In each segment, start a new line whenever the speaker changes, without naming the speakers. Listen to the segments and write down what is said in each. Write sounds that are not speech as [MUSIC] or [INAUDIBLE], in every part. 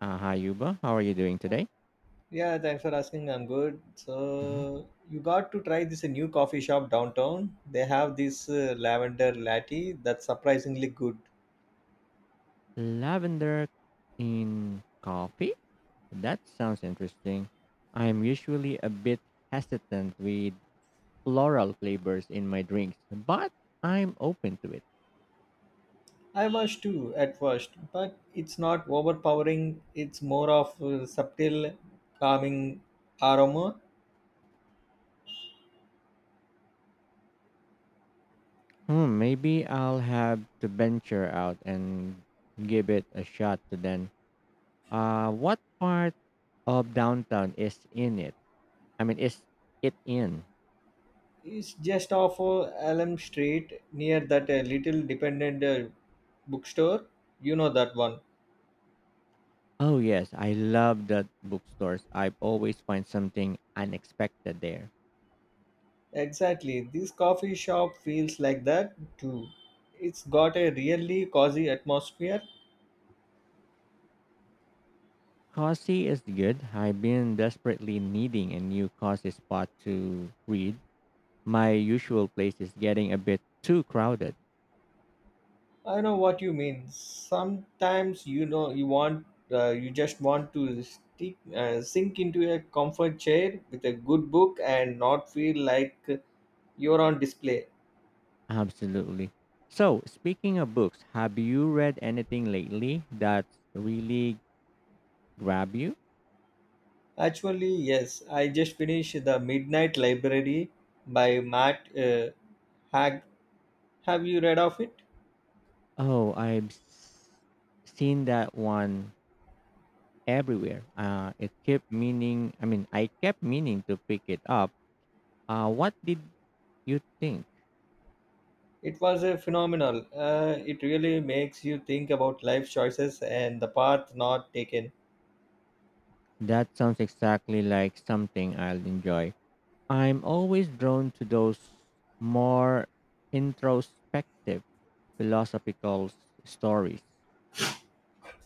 Hi, Yuba. How are you doing today?
Yeah, thanks for asking. I'm good.
Mhm.
So you got to try this new coffee shop downtown. They have this lavender latte that's surprisingly good.
Lavender in coffee? That sounds interesting. I'm usually a bit hesitant with floral flavors in my drinks, but I'm open to it.
I was too at first, but it's not overpowering. It's more of a subtle, calming aroma.
Hmm, maybe I'll have to venture out and give it a shot to then. What part of downtown is in it? I mean, is it in?
It's just off Elm Street near that little dependent bookstore. You know that one.
Oh yes, I love the bookstores. I always find something unexpected there.
Exactly. This coffee shop feels like that too. It's got a really cozy atmosphere.
Cozy is good. I've been desperately needing a new cozy spot to read. My usual place is getting a bit too crowded.
I know what you mean. Sometimes you just want to stick, sink into a comfort chair with a good book and not feel like you're on display.
Absolutely. So, speaking of books, have you read anything lately that really grabbed you?
Actually, yes, I just finished The Midnight Library by Matt Hag. Have you read of it?
Oh, seen that one everywhere. It kept meaning. I mean, I kept meaning to pick it up. What did you think?
It was a phenomenal. It really makes you think about life choices and the path not taken.
That sounds exactly like something I'll enjoy. I'm always drawn to those more introspective, philosophical s- stories.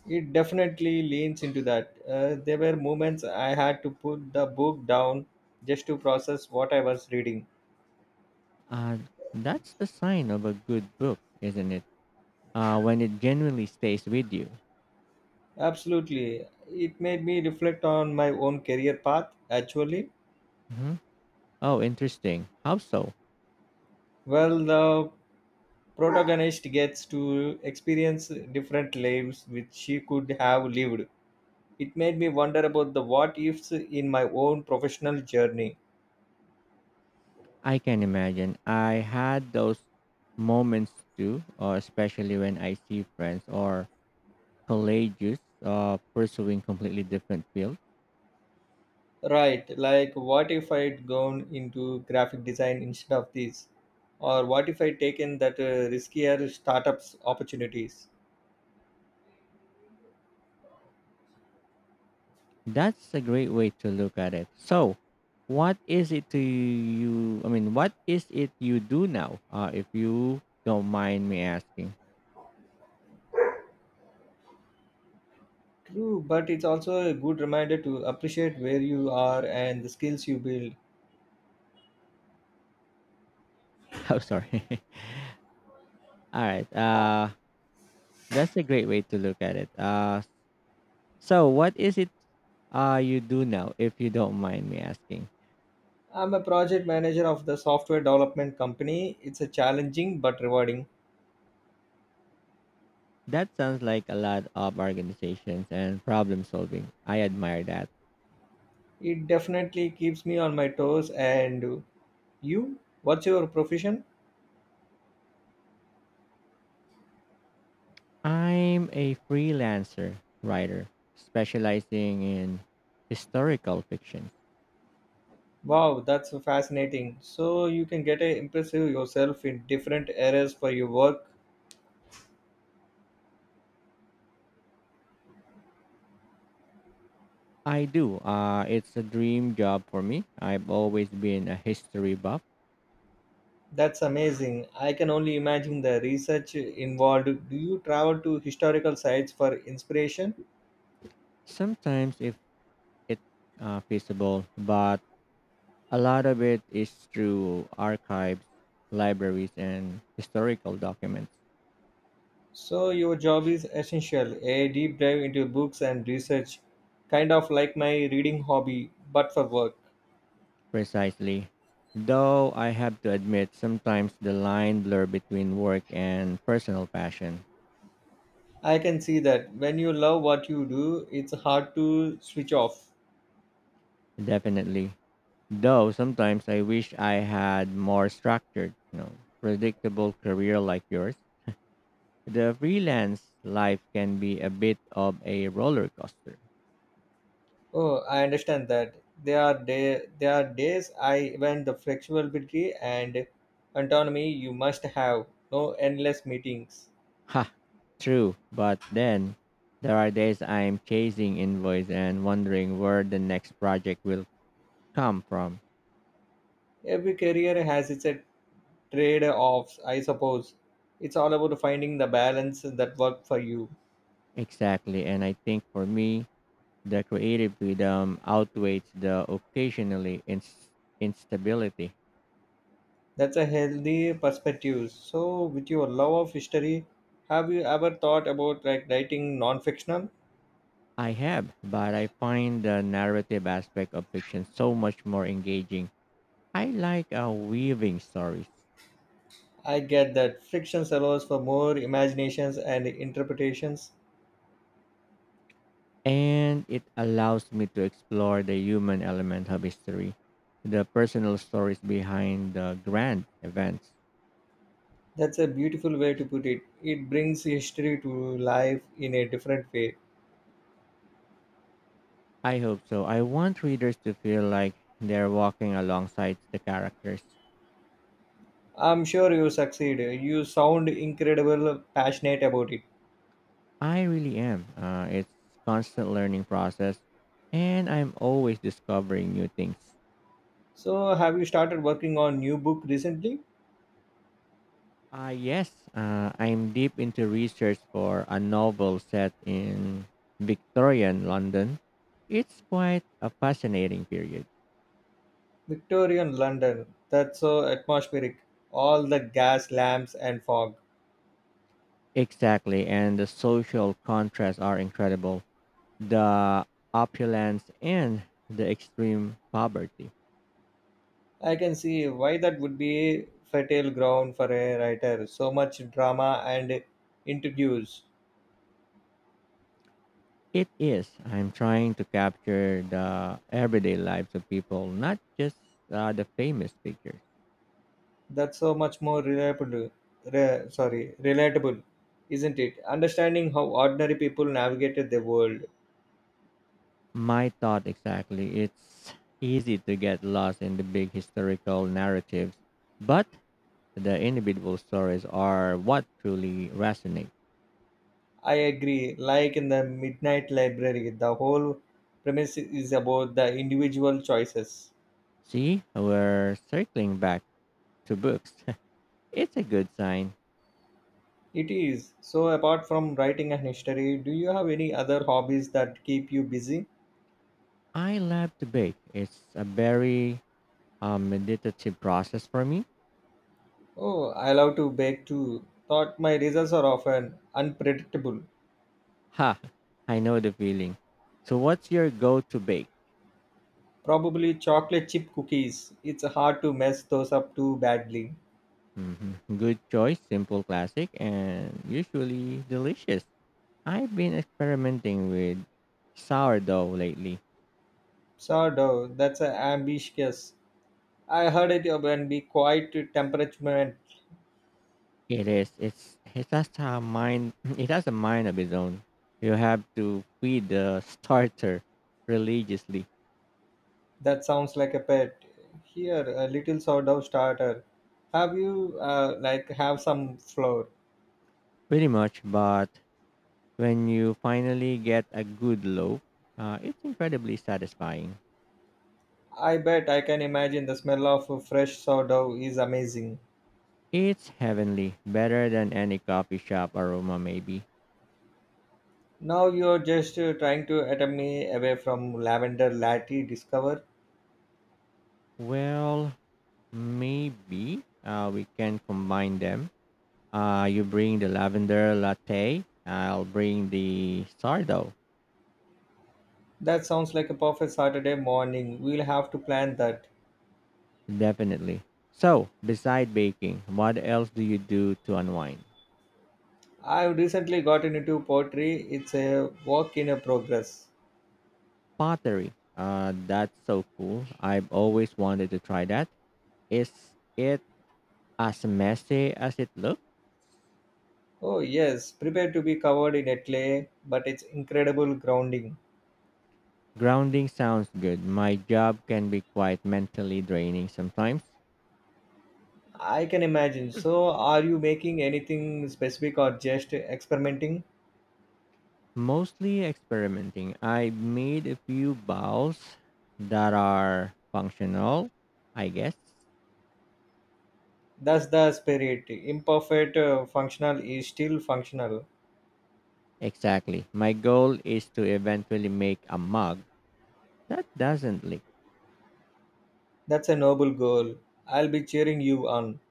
It definitely leans into that. There were moments I had to put the book down just to process what I was reading.
Uh, that's the sign of a good book, isn't it? When it genuinely stays with you.
Absolutely. It made me reflect on my own career path, actually.
Mhm. Oh, interesting. How so?
Well, the protagonist gets to experience different lives which she could have lived. It made me wonder about the what ifs in my own professional journey.
I can imagine. I had those moments too, or especially when I see friends or courageous pursuing completely different field.
Right, like what if I'd gone into graphic design instead of this? Or what if I'd taken that riskier startups opportunities?
That's a great way to look at it. So, what is it you do now? If you don't mind me asking. [LAUGHS]
True, but it's also a good reminder to appreciate where you are and the skills you build.
Oh, sorry. [LAUGHS] All right. That's a great way to look at it. So what is it you do now? If you don't mind me asking.
I'm a project manager of the software development company. It's a challenging but rewarding.
That sounds like a lot of organizations and problem solving. I admire that.
It definitely keeps me on my toes. And you, what's your profession?
I'm a freelancer writer specializing in historical fiction.
Wow, that's so fascinating. So you can get a impressive yourself in different areas for your work.
I do. It's a dream job for me. I've always been a history buff.
That's amazing. I can only imagine the research involved. Do you travel to historical sites for inspiration?
Sometimes, if it's feasible, but a lot of it is through archives, libraries, and historical documents.
So your job is essential, a deep dive into books and research, kind of like my reading hobby, but for work.
Precisely. Though I have to admit, sometimes the line blur between work and personal passion.
I can see that when you love what you do, it's hard to switch off.
Definitely. Though sometimes I wish I had more structured, you know, predictable career like yours. The freelance life can be a bit of a roller coaster.
Oh, I understand that. There are days I when the flexibility and autonomy you must have. No endless meetings.
Ha, true. But then there are days I'm chasing invoice and wondering where the next project will come from.
Every career has its trade-offs, I suppose. It's all about finding the balance that work for you.
Exactly. And I think for me, the creative freedom outweighs the occasionally inst instability.
That's a healthy perspective. So, with your love of history, have you ever thought about like writing non-fictional?
I have, but I find the narrative aspect of fiction so much more engaging. I like weaving stories,
I get that fiction allows for more imaginations and interpretations.
and it allows me to explore the human element of history, the personal stories behind the grand events.
That's a beautiful way to put it. It brings history to life in a different way.
I hope so. I want readers to feel like they're walking alongside the characters.
I'm sure you succeed. You sound incredible passionate about it.
I really am. It's constant learning process, and I'm always discovering new things.
So, have you started working on new book recently?
Ah, yes. I'm deep into research for a novel set in Victorian London. It's quite a fascinating period.
Victorian London. That's so atmospheric. All the gas lamps and fog.
Exactly, and the social contrasts are incredible. The opulence and the extreme poverty.
I can see why that would be fertile ground for a writer. So much drama and intrigues.
It is. I'm trying to capture the everyday lives of people, not just the famous figures.
That's so much more reliable, sorry, relatable, isn't it, understanding how ordinary people navigated the world.
My thought exactly. It's easy to get lost in the big historical narratives, but the individual stories are what truly resonate.
I agree, like in The Midnight Library the whole premise is about the individual choices.
See, we're circling back to books. [LAUGHS] It's a good sign.
It is. So apart from writing and history, do you have any other hobbies that keep you busy?
I love to bake. It's a very meditative process for me. [LAUGHS]
Oh, I love to bake too, thought my results are often unpredictable.
Ha, I know the feeling. So, what's your go to bake?
Probably chocolate chip cookies, it's hard to mess those up too badly.
Hmm, good choice, simple, classic, and usually delicious. I've been experimenting with sourdough lately.
Sourdough, that's a ambitious. I heard it can be quite temperament.
It is it's it has a mind [LAUGHS] [CLEARS THROAT] it has a mind of its own. You have to feed the starter religiously,
That sounds like a pet. Here, a little sourdough starter. Have you like have some flour?
pretty much. But when you finally get a good loaf, it's incredibly satisfying.
I bet. I can imagine the smell of fresh sourdough is amazing.
It's heavenly, better than any coffee shop aroma, maybe.
Now you're just trying to attempt me away from lavender latte discover.
Well, maybe we can combine them. You bring the lavender latte. I'll bring the sourdough.
That sounds like a perfect Saturday morning. We'll have to plan that.
Definitely. So, beside baking, what else do you do to unwind?
I've recently gotten into pottery. It's a work in a progress.
Pottery. That's so cool. I've always wanted to try that. Is it as messy as it looks?
Oh, yes, prepare to be covered in a clay, but it's incredible grounding.
Grounding sounds good. My job can be quite mentally draining sometimes.
I can imagine. So, are you making anything specific or just experimenting?
Mostly experimenting. I made a few bowls that are functional, I guess.
That's the spirit. Imperfect, functional is still functional.
Exactly. My goal is to eventually make a mug that doesn't leak.
That's a noble goal. I'll be cheering you on.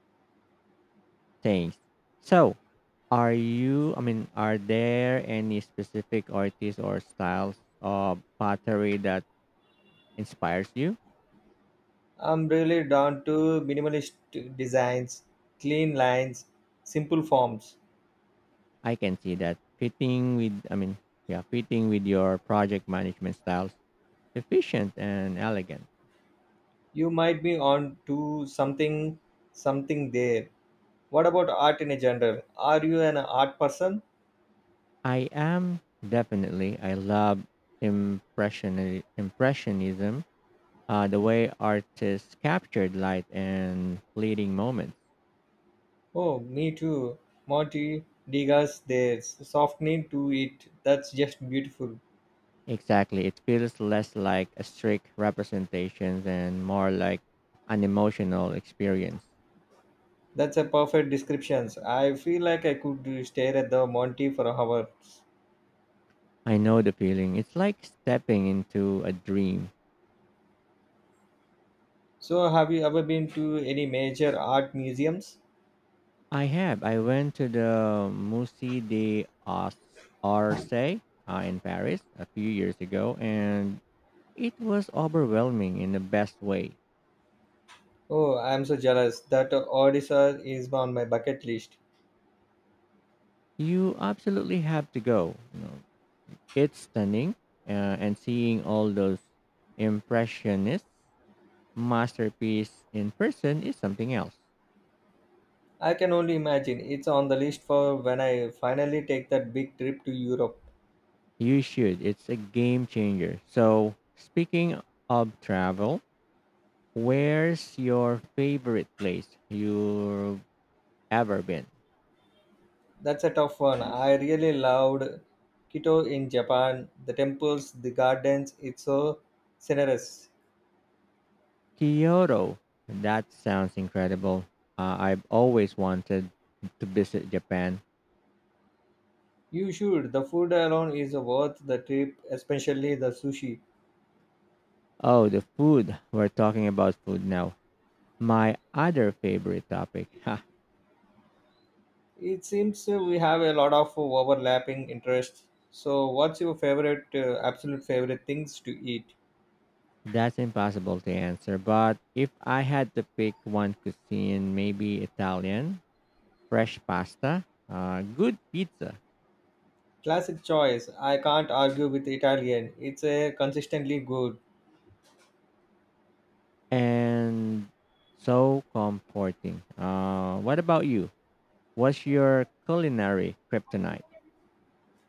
Thanks. So, are you, I mean, are there any specific artists or styles of pottery that inspires you?
I'm really down to minimalist designs, clean lines, simple forms.
I can see that fitting with, I mean, yeah, fitting with your project management styles, efficient and elegant.
You might be on to something there. What about art in a general? Are you an art person?
I am definitely, I love impressionism the way artists captured light and fleeting moments.
Oh, me too. Marty Degas, there's softening to it. That's just beautiful.
Exactly. It feels less like a strict representation and more like an emotional experience.
That's a perfect description. I feel like I could stare at the Monty for hours.
I know the feeling. It's like stepping into a dream.
So, have you ever been to any major art museums?
I have. I went to the Musée des Arts Orsay in Paris a few years ago, and it was overwhelming in the best way.
Oh, I'm so jealous. That Odessa is on my bucket list.
You absolutely have to go. You know, it's stunning, and seeing all those impressionist masterpiece in person is something else.
I can only imagine. It's on the list for when I finally take that big trip to Europe.
You should. It's a game changer. So, speaking of travel, where's your favorite place you've ever been?
That's a tough one. I really loved Kyoto in Japan. The temples, the gardens, it's so generous.
Kyoto. That sounds incredible. I've always wanted to visit Japan.
You should. The food alone is worth the trip, especially the sushi.
Oh, the food. We're talking about food now. My other favorite topic. [LAUGHS]
It seems we have a lot of overlapping interests. So, what's your favorite, absolute favorite things to eat?
That's impossible to answer, but if I had to pick one cuisine, maybe Italian, fresh pasta, good pizza,
Classic choice. I can't argue with Italian. It's a consistently good.
and so comforting. What about you? What's your culinary kryptonite?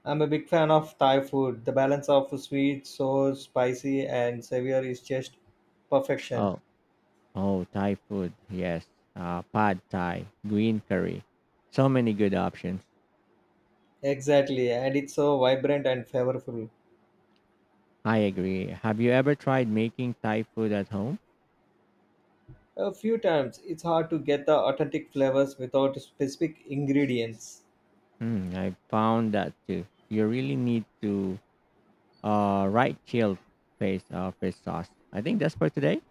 I'm a big fan of Thai food. The balance of sweet, sour, spicy, and savory is just perfection.
Oh, oh, Thai food, yes. Pad Thai, green curry. So many good options.
Exactly, and it's so vibrant and flavorful.
I agree. Have you ever tried making Thai food at home?
A few times, it's hard to get the authentic flavors without specific ingredients.
Hmm, I found that too. You really need to right chilled face fish sauce. I think that's for today.